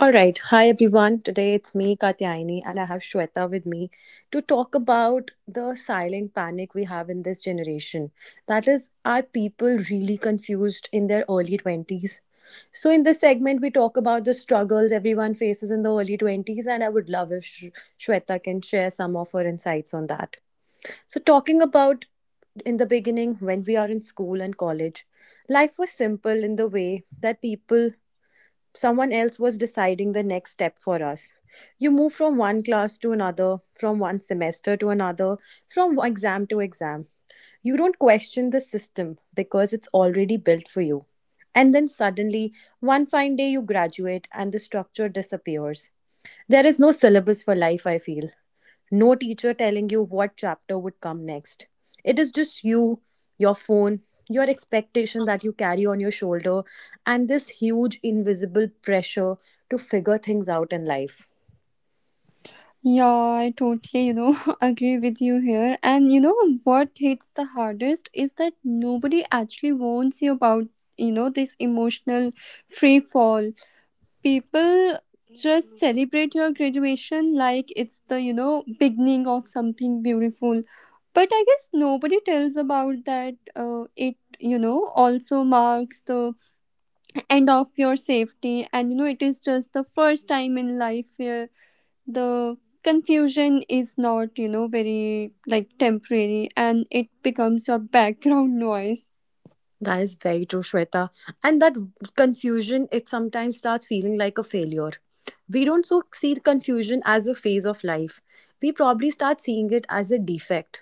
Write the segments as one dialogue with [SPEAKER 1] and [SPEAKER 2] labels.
[SPEAKER 1] All right. Hi, everyone. Today it's me, Katyayani, and I have Shweta with me to talk about the silent panic we have in this generation. That is, are people really confused in their early 20s? So, in this segment, we talk about the struggles everyone faces in the early 20s, and I would love if Shweta can share some of her insights on that. So, talking about in the beginning, when we are in school and college, life was simple in the way that people someone else was deciding the next step for us. You move from one class to another, from one semester to another, from exam to exam. You don't question the system because it's already built for you. And then suddenly, one fine day, you graduate and the structure disappears. There is no syllabus for life, I feel no teacher telling you what chapter would come next. It is just you, your phone, your expectation that you carry on your shoulder, and this huge invisible pressure to figure things out in life.
[SPEAKER 2] Yeah, I totally, agree with you here. And you know what hits the hardest is that nobody actually warns you about, this emotional free fall. People just celebrate your graduation like it's the beginning of something beautiful. But I guess nobody tells about that it also marks the end of your safety, and it is just the first time in life where the confusion is not very like temporary, and it becomes your background noise.
[SPEAKER 1] That is very true, Shweta. And that confusion, it sometimes starts feeling like a failure. We don't so see confusion as a phase of life. We probably start seeing it as a defect.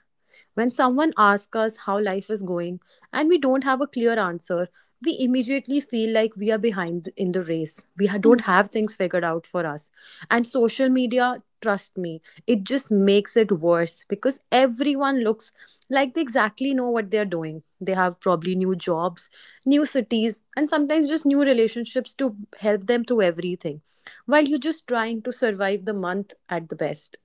[SPEAKER 1] When someone asks us how life is going and we don't have a clear answer, we immediately feel like we are behind in the race. We don't have things figured out for us. And social media, trust me, it just makes it worse because everyone looks like they exactly know what they're doing. They have probably new jobs, new cities, and sometimes just new relationships to help them through everything while you're just trying to survive the month at the best.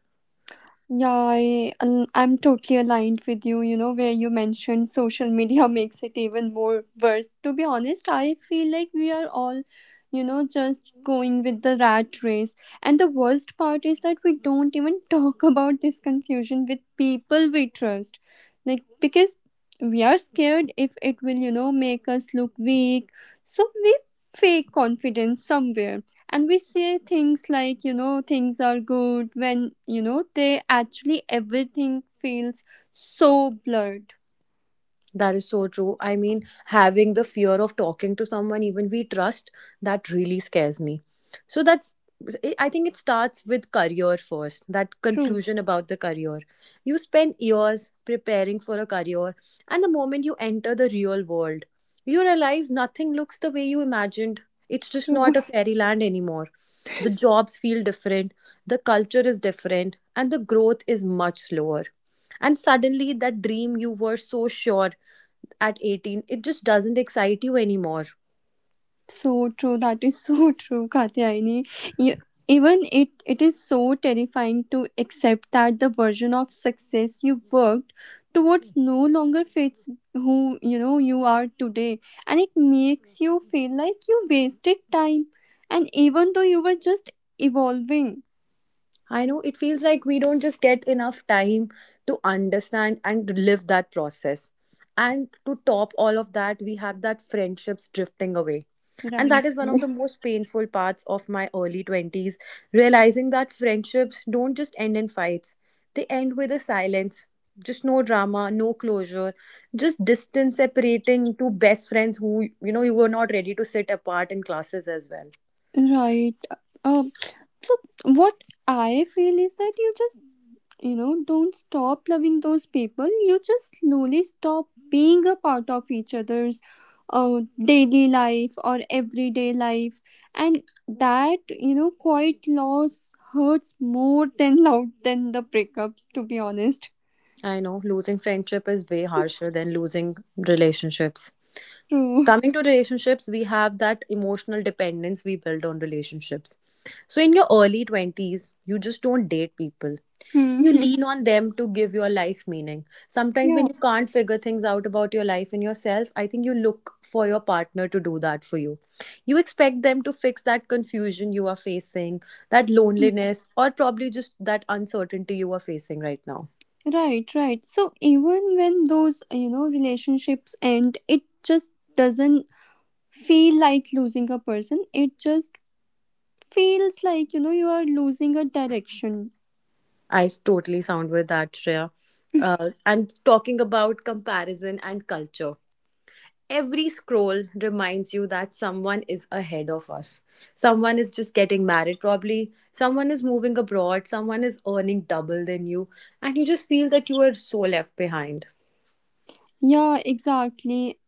[SPEAKER 2] Yeah, and I'm totally aligned with you, where you mentioned social media makes it even more worse. To be honest, I feel like we are all, just going with the rat race. And the worst part is that we don't even talk about this confusion with people we trust. Like, because we are scared if it will, make us look weak. So we fake confidence somewhere, and we say things like things are good when they actually everything feels so blurred.
[SPEAKER 1] That is so true. I mean, having the fear of talking to someone even we trust, that really scares me. So that's, I think it starts with career first, that
[SPEAKER 2] True.
[SPEAKER 1] confusion about the career. You spend years preparing for a career, and the moment you enter the real world, you realize nothing looks the way you imagined. It's just
[SPEAKER 2] True.
[SPEAKER 1] not a fairyland anymore. The jobs feel different, the culture is different, and the growth is much slower. And suddenly, that dream you were so sure at 18 it just doesn't excite you anymore.
[SPEAKER 2] So true. That is so true, Katyayani. You- even it is so terrifying to accept that the version of success you worked towards no longer fits who you are today, and it makes you feel like you wasted time, and even though you were just evolving.
[SPEAKER 1] I know, it feels like we don't just get enough time to understand and live that process. And to top all of that, we have that friendships drifting away, and that
[SPEAKER 2] Right.
[SPEAKER 1] is one of the most painful parts of my early 20s. Realizing that friendships don't just end in fights, they end with a silence. Just no drama, no closure, just distance separating two best friends who, you know, you were not ready to sit apart in classes as well.
[SPEAKER 2] Right. Uh, so what I feel is that you just don't stop loving those people. You just slowly stop being a part of each other's daily life or everyday life, and that quiet loss hurts more than loud than the breakups. To be honest.
[SPEAKER 1] I know losing friendship is way harsher than losing relationships.
[SPEAKER 2] True.
[SPEAKER 1] Coming to relationships, we have that emotional dependence we build on relationships. So, in your early 20s, you just don't date people. You
[SPEAKER 2] Mhm.
[SPEAKER 1] lean on them to give your life meaning. Sometimes, when
[SPEAKER 2] Yeah.
[SPEAKER 1] you can't figure things out about your life and yourself, I think you look for your partner to do that for you. You expect them to fix that confusion you are facing, that loneliness, or probably just that uncertainty you are facing right now.
[SPEAKER 2] Right, right. So even when those, relationships end, it just doesn't feel like losing a person, it just feels like you are losing a direction.
[SPEAKER 1] I totally sound with that, Shreya. And talking about comparison and culture, every scroll reminds you that someone is ahead of us. Someone is just getting married, probably. Someone is moving abroad. Someone is earning double than you. And you just feel that you are so left behind.
[SPEAKER 2] Yeah, exactly.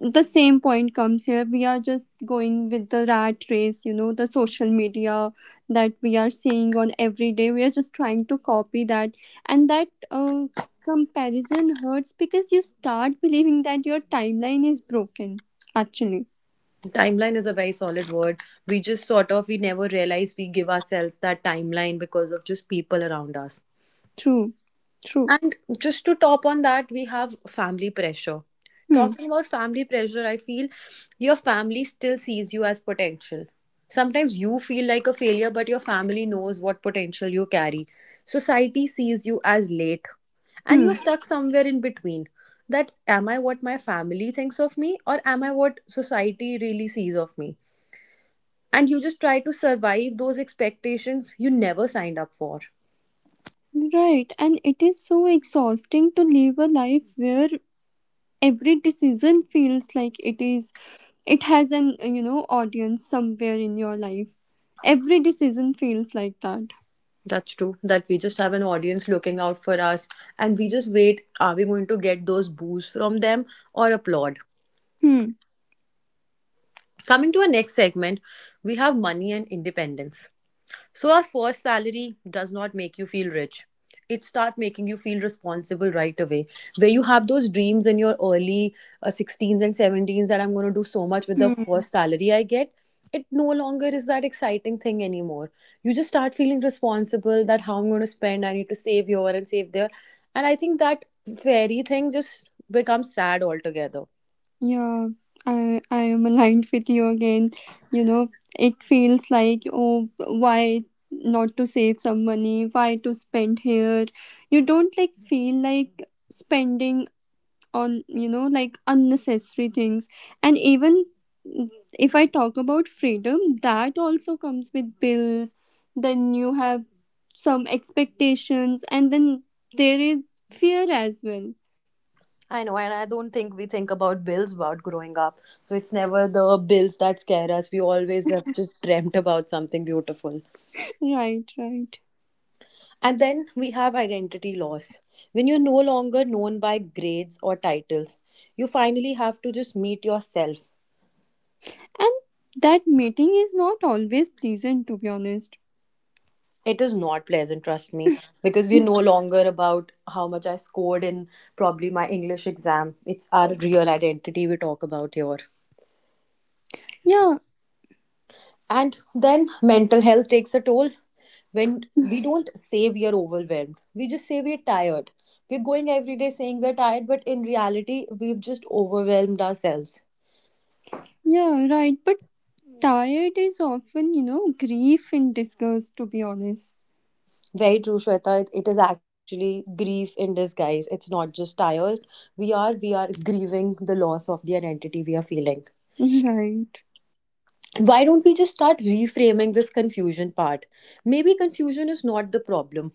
[SPEAKER 2] The same point comes here. We are just going with the rat race. You know, the social media that we are seeing on every day, we are just trying to copy that. And that comparison hurts because you start believing that your timeline is broken, actually.
[SPEAKER 1] Timeline is a very solid word. We just sort of, we never realize we give ourselves that timeline because of just people around us.
[SPEAKER 2] True. True.
[SPEAKER 1] And just to top on that, we have family pressure.
[SPEAKER 2] Hmm.
[SPEAKER 1] Talking about family pressure, I feel your family still sees you as potential. Sometimes you feel like a failure, but your family knows what potential you carry. Society sees you as late, and you're
[SPEAKER 2] Hmm.
[SPEAKER 1] stuck somewhere in between. That, am I what my family thinks of me, or am I what society really sees of me? And you just try to survive those expectations you never signed up for.
[SPEAKER 2] Right, and it is so exhausting to live a life where every decision feels like it has an you know, audience somewhere in your life. Every decision feels like that.
[SPEAKER 1] That's true. That we just have an audience looking out for us and we just wait. Are we going to get those boos from them or applaud?
[SPEAKER 2] Hmm.
[SPEAKER 1] Coming to our next segment, we have money and independence. So our first salary does not make you feel rich. It start making you feel responsible right away. Where you have those dreams in your early 16s and 17s that I'm going to do so much with the
[SPEAKER 2] Hmm.
[SPEAKER 1] first salary I get. It no longer is that exciting thing anymore. You just start feeling responsible that how I'm going to spend, I need to save here and save there. And I think that fairy thing just becomes sad altogether.
[SPEAKER 2] Yeah, I am aligned with you again. You know, it feels like, oh, why not to save some money? Why to spend here? You don't like feel like spending on like unnecessary things. And even, mm, if I talk about freedom, that also comes with bills. Then you have some expectations, and then there is fear as well.
[SPEAKER 1] I know, and I don't think we think about bills about growing up. So it's never the bills that scare us. We always have just dreamt about something beautiful.
[SPEAKER 2] Right, right.
[SPEAKER 1] And then we have identity loss. When you're no longer known by grades or titles, you finally have to just meet yourself.
[SPEAKER 2] And that meeting is not always pleasant, to be honest.
[SPEAKER 1] It is not pleasant, trust me, because we're no longer about how much I scored in probably my English exam. It's our real identity we talk about here.
[SPEAKER 2] Yeah.
[SPEAKER 1] And then mental health takes a toll. When we don't say we are overwhelmed, we just say we're tired. We're going every day saying we're tired, but in reality we've just overwhelmed ourselves.
[SPEAKER 2] Yeah, right, but tired is often grief and disgust, to be honest.
[SPEAKER 1] Very true, Shweta. It is actually grief in disguise, it's not just tired. We are grieving the loss of the identity we are feeling.
[SPEAKER 2] Right.
[SPEAKER 1] Why don't we just start reframing this confusion part? Maybe confusion is not the problem,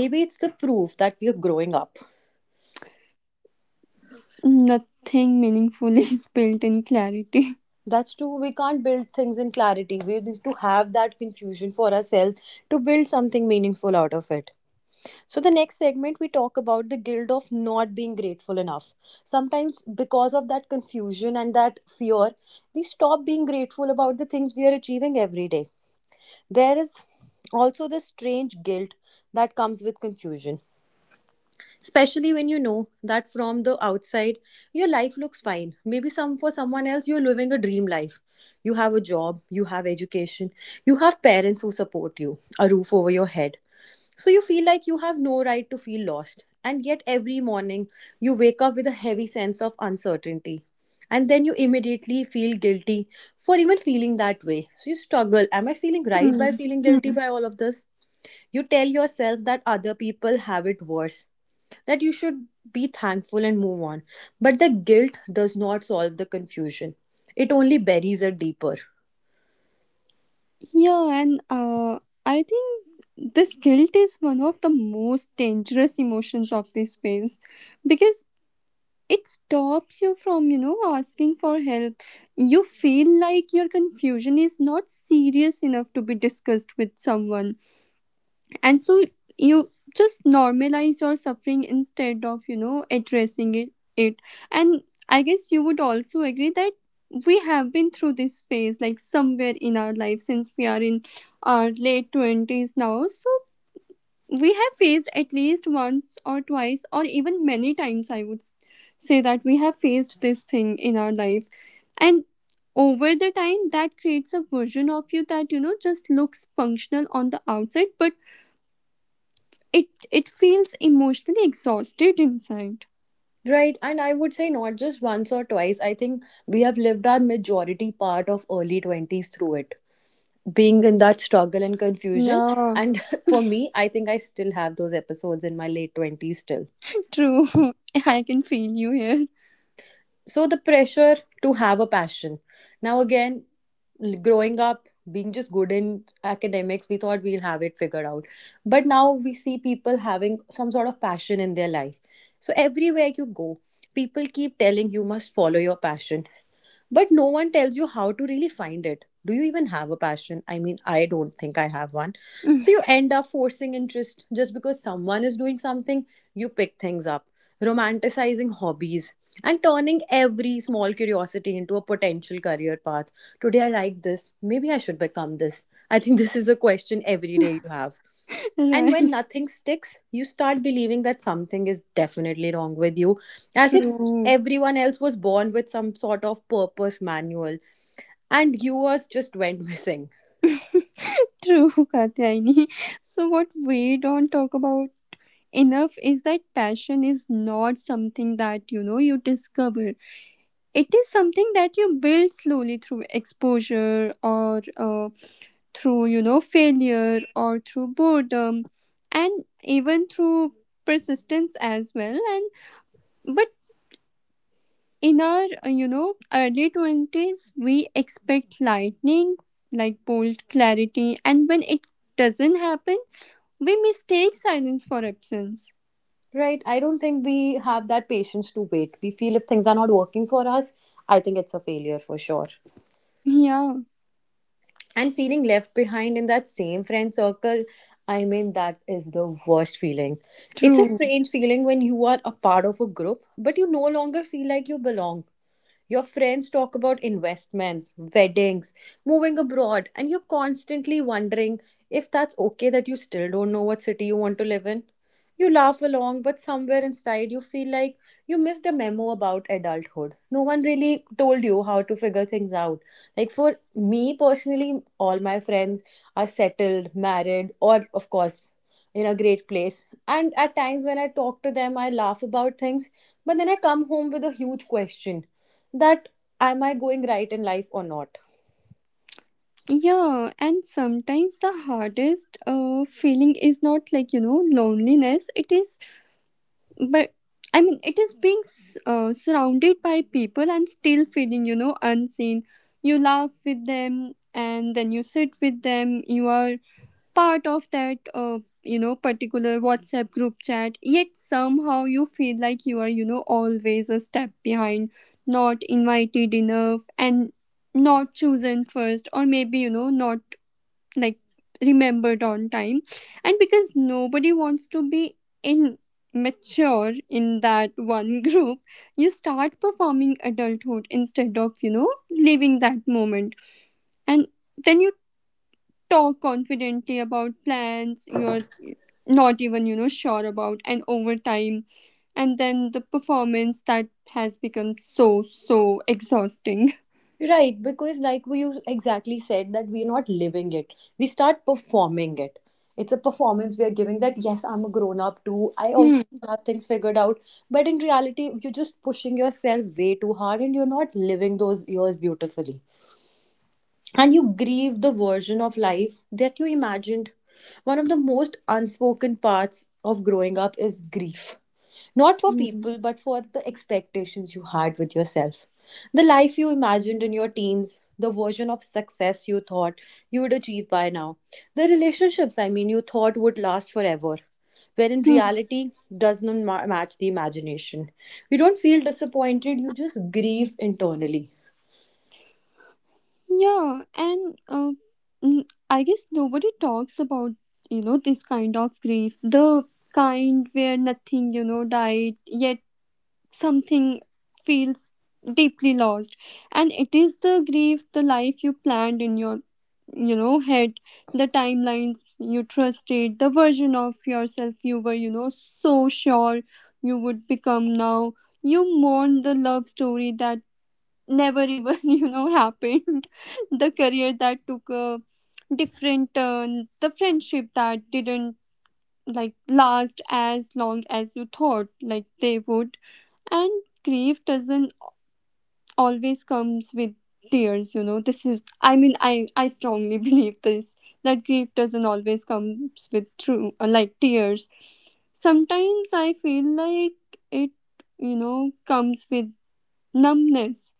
[SPEAKER 1] maybe it's the proof that we are growing up.
[SPEAKER 2] Nothing meaningful is built in clarity.
[SPEAKER 1] That's true. We can't build things in clarity. We need to have that confusion for ourselves to build something meaningful out of it. So, the next segment, we talk about the guilt of not being grateful enough. Sometimes, because of that confusion and that fear, we stop being grateful about the things we are achieving every day. There is also this strange guilt that comes with confusion, especially when you know that from the outside your life looks fine. Maybe some for someone else you're living a dream life. You have a job, you have education, you have parents who support you, a roof over your head. So you feel like you have no right to feel lost, and yet every morning you wake up with a heavy sense of uncertainty, and then you immediately feel guilty for even feeling that way. So you struggle, am I feeling right
[SPEAKER 2] Hmm.
[SPEAKER 1] by feeling guilty
[SPEAKER 2] Hmm.
[SPEAKER 1] by all of this? You tell yourself that other people have it worse, that you should be thankful and move on. But the guilt does not solve the confusion, it only buries it deeper.
[SPEAKER 2] Yeah, and I think this guilt is one of the most dangerous emotions of this phase because it stops you from, asking for help. You feel like your confusion is not serious enough to be discussed with someone, and so you just normalize your suffering instead of addressing it. And I guess you would also agree that we have been through this phase like somewhere in our life since we are in our late 20s now. So we have faced at least once or twice or even many times, I would say, that we have faced this thing in our life. And over the time, that creates a version of you that just looks functional on the outside, but it it feels emotionally exhausted inside.
[SPEAKER 1] Right, and I would say not just once or twice. I think we have lived our majority part of early 20s through it, being in that struggle and confusion.
[SPEAKER 2] Yeah.
[SPEAKER 1] And for me, I think I still have those episodes in my late 20s still.
[SPEAKER 2] True. I can feel you here.
[SPEAKER 1] So the pressure to have a passion now again, growing up being just good in academics we thought we'll have it figured out, but now we see people having some sort of passion in their life. So everywhere you go, people keep telling you must follow your passion, but no one tells you how to really find it. Do you even have a passion? I mean, I don't think I have one. So you end up forcing interest just because someone is doing something. You pick things up, romanticizing hobbies, and turning every small curiosity into a potential career path. Today I like this, maybe I should become this, I think this is a question every day you have. And
[SPEAKER 2] Right.
[SPEAKER 1] when nothing sticks, you start believing that something is definitely wrong with you, as if
[SPEAKER 2] True.
[SPEAKER 1] everyone else was born with some sort of purpose manual and yours just went missing.
[SPEAKER 2] True, Katyaini. So what we don't talk about enough is that passion is not something that you discover. It is something that you build slowly through exposure, or through failure, or through boredom, and even through persistence as well. And but in our you know, early 20s, we expect lightning, like bold clarity, and when it doesn't happen, we mistake silence for absence.
[SPEAKER 1] Right? I don't think we have that patience to wait. We feel if things are not working for us, I think it's a failure for sure.
[SPEAKER 2] Yeah.
[SPEAKER 1] And feeling left behind in that same friend circle, I mean, that is the worst feeling. It's a
[SPEAKER 2] True.
[SPEAKER 1] strange feeling when you are a part of a group, but you no longer feel like you belong. Your friends talk about investments, weddings, moving abroad, and you're constantly wondering if that's okay that you still don't know what city you want to live in. You laugh along, but somewhere inside you feel like you missed a memo about adulthood. No one really told you how to figure things out. Like for me personally, all my friends are settled, married, or of course, in a great place. And at times when I talk to them, I laugh about things, but then I come home with a huge question that am I going right in life or not?
[SPEAKER 2] Yeah, and sometimes the hardest feeling is not like loneliness, it is, but I mean, it is being surrounded by people and still feeling unseen. You laugh with them, and then you sit with them. You are part of that you know, particular WhatsApp group chat, yet somehow you feel like you are always a step behind, not invited enough, and not chosen first, or maybe not like remembered on time. And because nobody wants to be immature in that one group, you start performing adulthood instead of living that moment. And then you talk confidently about plans you're not even sure about, and over time, and then the performance that has become so so exhausting.
[SPEAKER 1] Right, because like we you exactly said that we're not living it. We start performing it. It's a performance we are giving that yes, I'm a grown up too. I also
[SPEAKER 2] Hmm.
[SPEAKER 1] have things figured out. But in reality, you're just pushing yourself way too hard and you're not living those years beautifully, and you grieve the version of life that you imagined. One of the most unspoken parts of growing up is grief. Not for
[SPEAKER 2] Hmm.
[SPEAKER 1] people, but for the expectations you had with yourself. The life you imagined in your teens, the version of success you thought you would achieve by now, the relationships, I mean, you thought would last forever, where in
[SPEAKER 2] Hmm.
[SPEAKER 1] reality does not match the imagination. You don't feel disappointed, you just grieve internally.
[SPEAKER 2] Yeah, and mm, I guess nobody talks about this kind of grief, the kind where nothing died yet, something feels deeply lost. And it is the grief, the life you planned in your head, the timelines you trusted, the version of yourself you were so sure you would become. Now you mourn the love story that never even you know happened, the career that took a different turn, the friendship that didn't like last as long as you thought like they would. And grief doesn't always comes with tears. You know, this is, I mean, I strongly believe this, that grief doesn't always comes with true like tears. Sometimes I feel like it comes with numbness,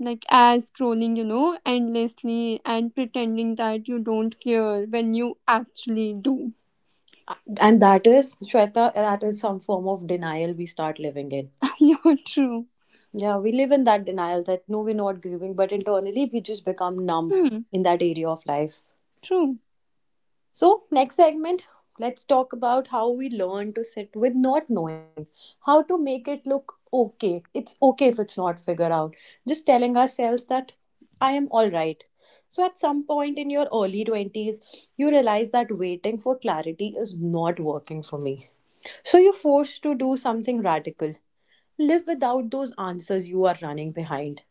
[SPEAKER 2] like as scrolling endlessly and pretending that you don't care when you actually do.
[SPEAKER 1] And that is, Shweta, that is some form of denial we start living in.
[SPEAKER 2] You're true.
[SPEAKER 1] Yeah, we live in that denial that no, we're not grieving, but internally we just become numb
[SPEAKER 2] Hmm.
[SPEAKER 1] in that area of life.
[SPEAKER 2] True.
[SPEAKER 1] So, next segment, let's talk about how we learn to sit with not knowing, how to make it look okay. It's okay if it's not figured out. Just telling ourselves that I am all right. So, at some point in your early 20s, you realize that waiting for clarity is not working for me. So, you're forced to do something radical, live without those answers you are running behind.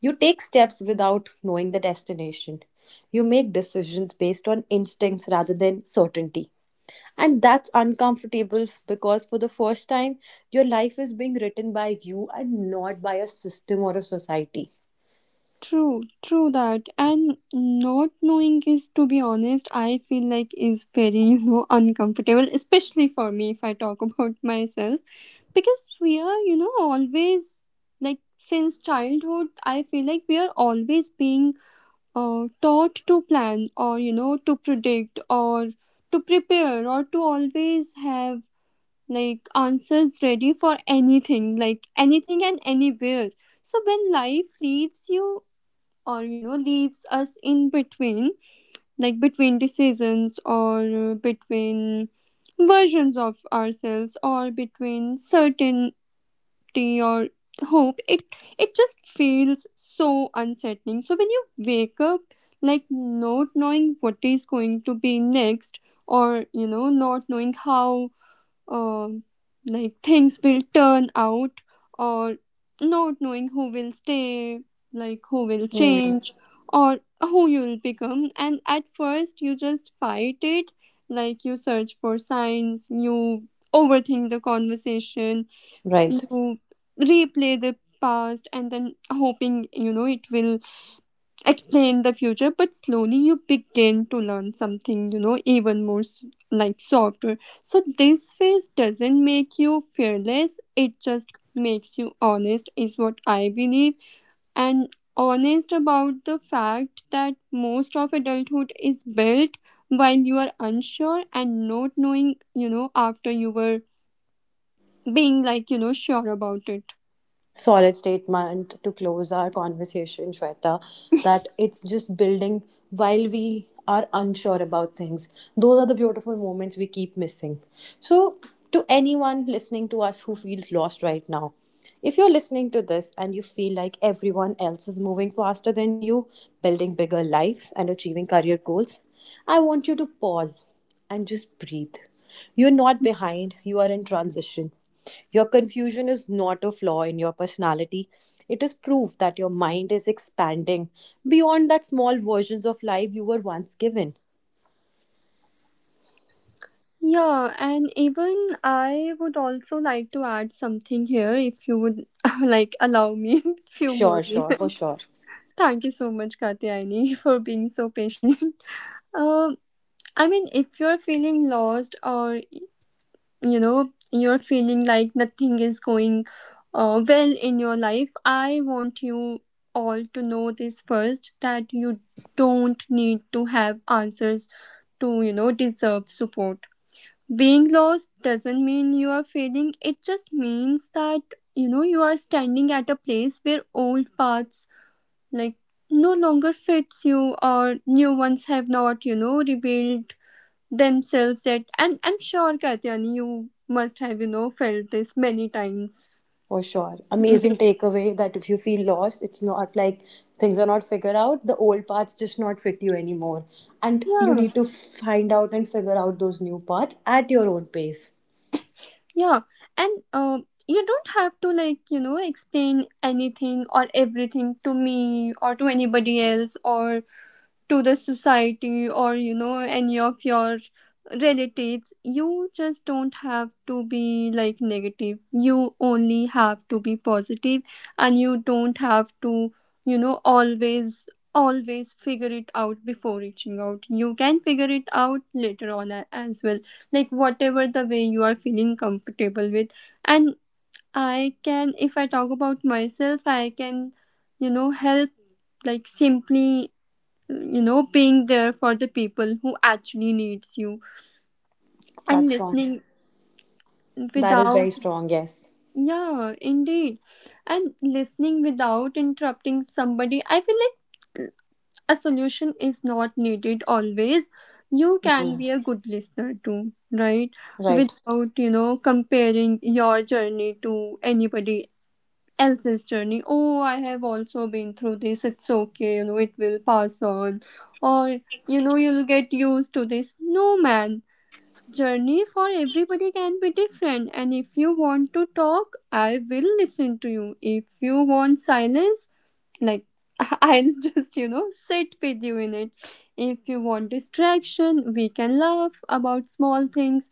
[SPEAKER 1] You take steps without knowing the destination. You make decisions based on instincts rather than certainty. And that's uncomfortable because for the first time, your life is being written by you and not by a system or a society.
[SPEAKER 2] True, true that. And not knowing is, to be honest, I feel like is very, you know, uncomfortable, especially for me if I talk about myself. Because we are, always like since childhood, I feel like we are always being taught to plan, or, to predict, or to prepare, or to always have like answers ready for anything, like anything and anywhere. So when life leaves you, or leaves us in between, like between decisions, or between versions of ourselves, or between certainty, or hope, it just feels so unsettling. So when you wake up, like not knowing what is going to be next, or not knowing how, um, like things will turn out, or not knowing who will stay, like who will
[SPEAKER 1] Hmm.
[SPEAKER 2] change, or who you'll become. And at first you just fight it, like you search for signs, you overthink the conversation,
[SPEAKER 1] Right.
[SPEAKER 2] you replay the past and then hoping it will explain the future. But slowly you begin to learn something, you know, even more like softer. So this phase doesn't make you fearless, it just makes you honest, is what I believe. And honest about the fact that most of adulthood is built while you are unsure and not knowing, you know, after you were being like sure about it.
[SPEAKER 1] Solid statement to close our conversation, Shweta, that it's just building while we are unsure about things. Those are the beautiful moments we keep missing. So, to anyone listening to us who feels lost right now, if you're listening to this and you feel like everyone else is moving faster than you, building bigger lives, and achieving career goals, I want you to pause and just breathe. You're not behind, you are in transition. Your confusion is not a flaw in your personality. It is proof that your mind is expanding beyond that small versions of life you were once given.
[SPEAKER 2] Yeah, and even I would also like to add something here, if you would like allow me few
[SPEAKER 1] Sure,
[SPEAKER 2] more
[SPEAKER 1] sure, for
[SPEAKER 2] minutes.
[SPEAKER 1] sure.
[SPEAKER 2] Thank you so much, Katyayani, for being so patient. Um, I mean, if you're feeling lost, or you're feeling like nothing is going well in your life, I want you all to know this first, that you don't need to have answers to deserve support. Being lost doesn't mean you are failing, it just means that you are standing at a place where old paths like no longer fits you, or new ones have not revealed themselves yet. And I'm sure, Katyani, you must have felt this many times.
[SPEAKER 1] For sure. Amazing takeaway that if you feel lost, it's not like things are not figured out. The old paths just not fit you anymore. And you
[SPEAKER 2] Yeah.
[SPEAKER 1] need to find out and figure out those new paths at your own pace.
[SPEAKER 2] Yeah, and you don't have to like explain anything or everything to me, or to anybody else, or to the society, or any of your relatives. You just don't have to be like negative, you only have to be positive. And you don't have to always always figure it out before reaching out, you can figure it out later on, as well, like whatever the way you are feeling comfortable with. And I can, if I talk about myself, I can help, like simply being there for the people who actually needs you, and
[SPEAKER 1] That's strong.
[SPEAKER 2] listening
[SPEAKER 1] That is
[SPEAKER 2] without.
[SPEAKER 1] very strong, yes.
[SPEAKER 2] Yeah, indeed. And listening without interrupting somebody, I feel like, uh, a solution is not needed always, you can be a good listener too, right?
[SPEAKER 1] Right.
[SPEAKER 2] Without comparing your journey to anybody else's journey, oh, I have also been through this, it's okay, it will pass on, or you'll get used to this, no man. Journey for everybody can be different. And if you want to talk, I will listen to you. If you want silence, like I'll just sit with you in it. If you want distraction, we can laugh about small things.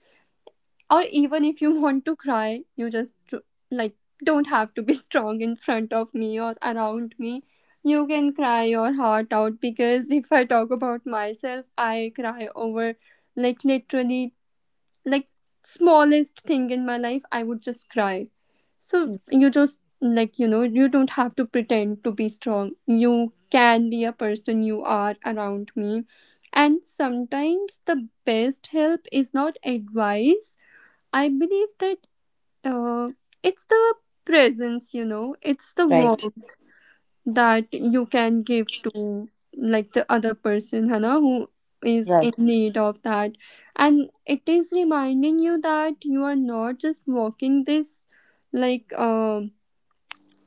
[SPEAKER 2] Or even if you want to cry, you just like don't have to be strong in front of me or around me. You can cry your heart out, because if I talk about myself, I cry over, like literally, like smallest thing in my life, I would just cry. So you just like you don't have to pretend to be strong. You can be a person you are around me. And sometimes the best help is not advice. I believe that, uh, it's the presence, you know, it's the
[SPEAKER 1] Right.
[SPEAKER 2] warmth that you can give to like the other person, Hannah, who is
[SPEAKER 1] Right.
[SPEAKER 2] in need of that. And it is reminding you that you are not just walking this like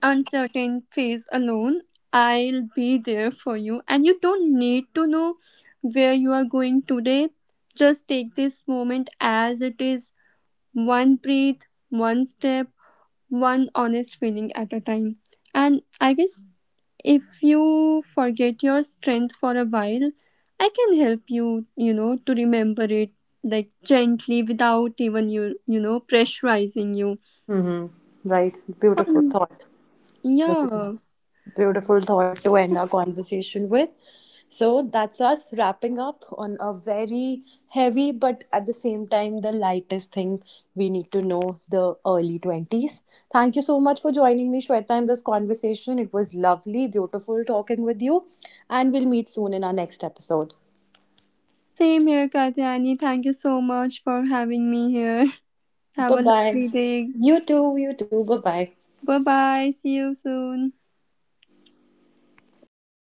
[SPEAKER 2] uncertain phase alone. I'll be there for you. And you don't need to know where you are going today. Just take this moment as it is, one breath, one step, one honest feeling at a time. And I guess if you forget your strength for a while, I can help you, to remember it, like gently, without even you know, pressurizing you.
[SPEAKER 1] Hmm. Right. Beautiful thought. That's a
[SPEAKER 2] Yeah,
[SPEAKER 1] beautiful thought to end our conversation with. So that's us wrapping up on a very heavy, but at the same time, the lightest thing we need to know the early 20s. Thank you so much for joining me, Shweta, in this conversation. It was lovely, beautiful talking with you. And we'll meet soon in our next episode.
[SPEAKER 2] same here, Katyani. Thank you so much for having me here. Have
[SPEAKER 1] Bye
[SPEAKER 2] a
[SPEAKER 1] bye.
[SPEAKER 2] lovely day.
[SPEAKER 1] You too. You too. Bye bye.
[SPEAKER 2] Bye bye. See you soon.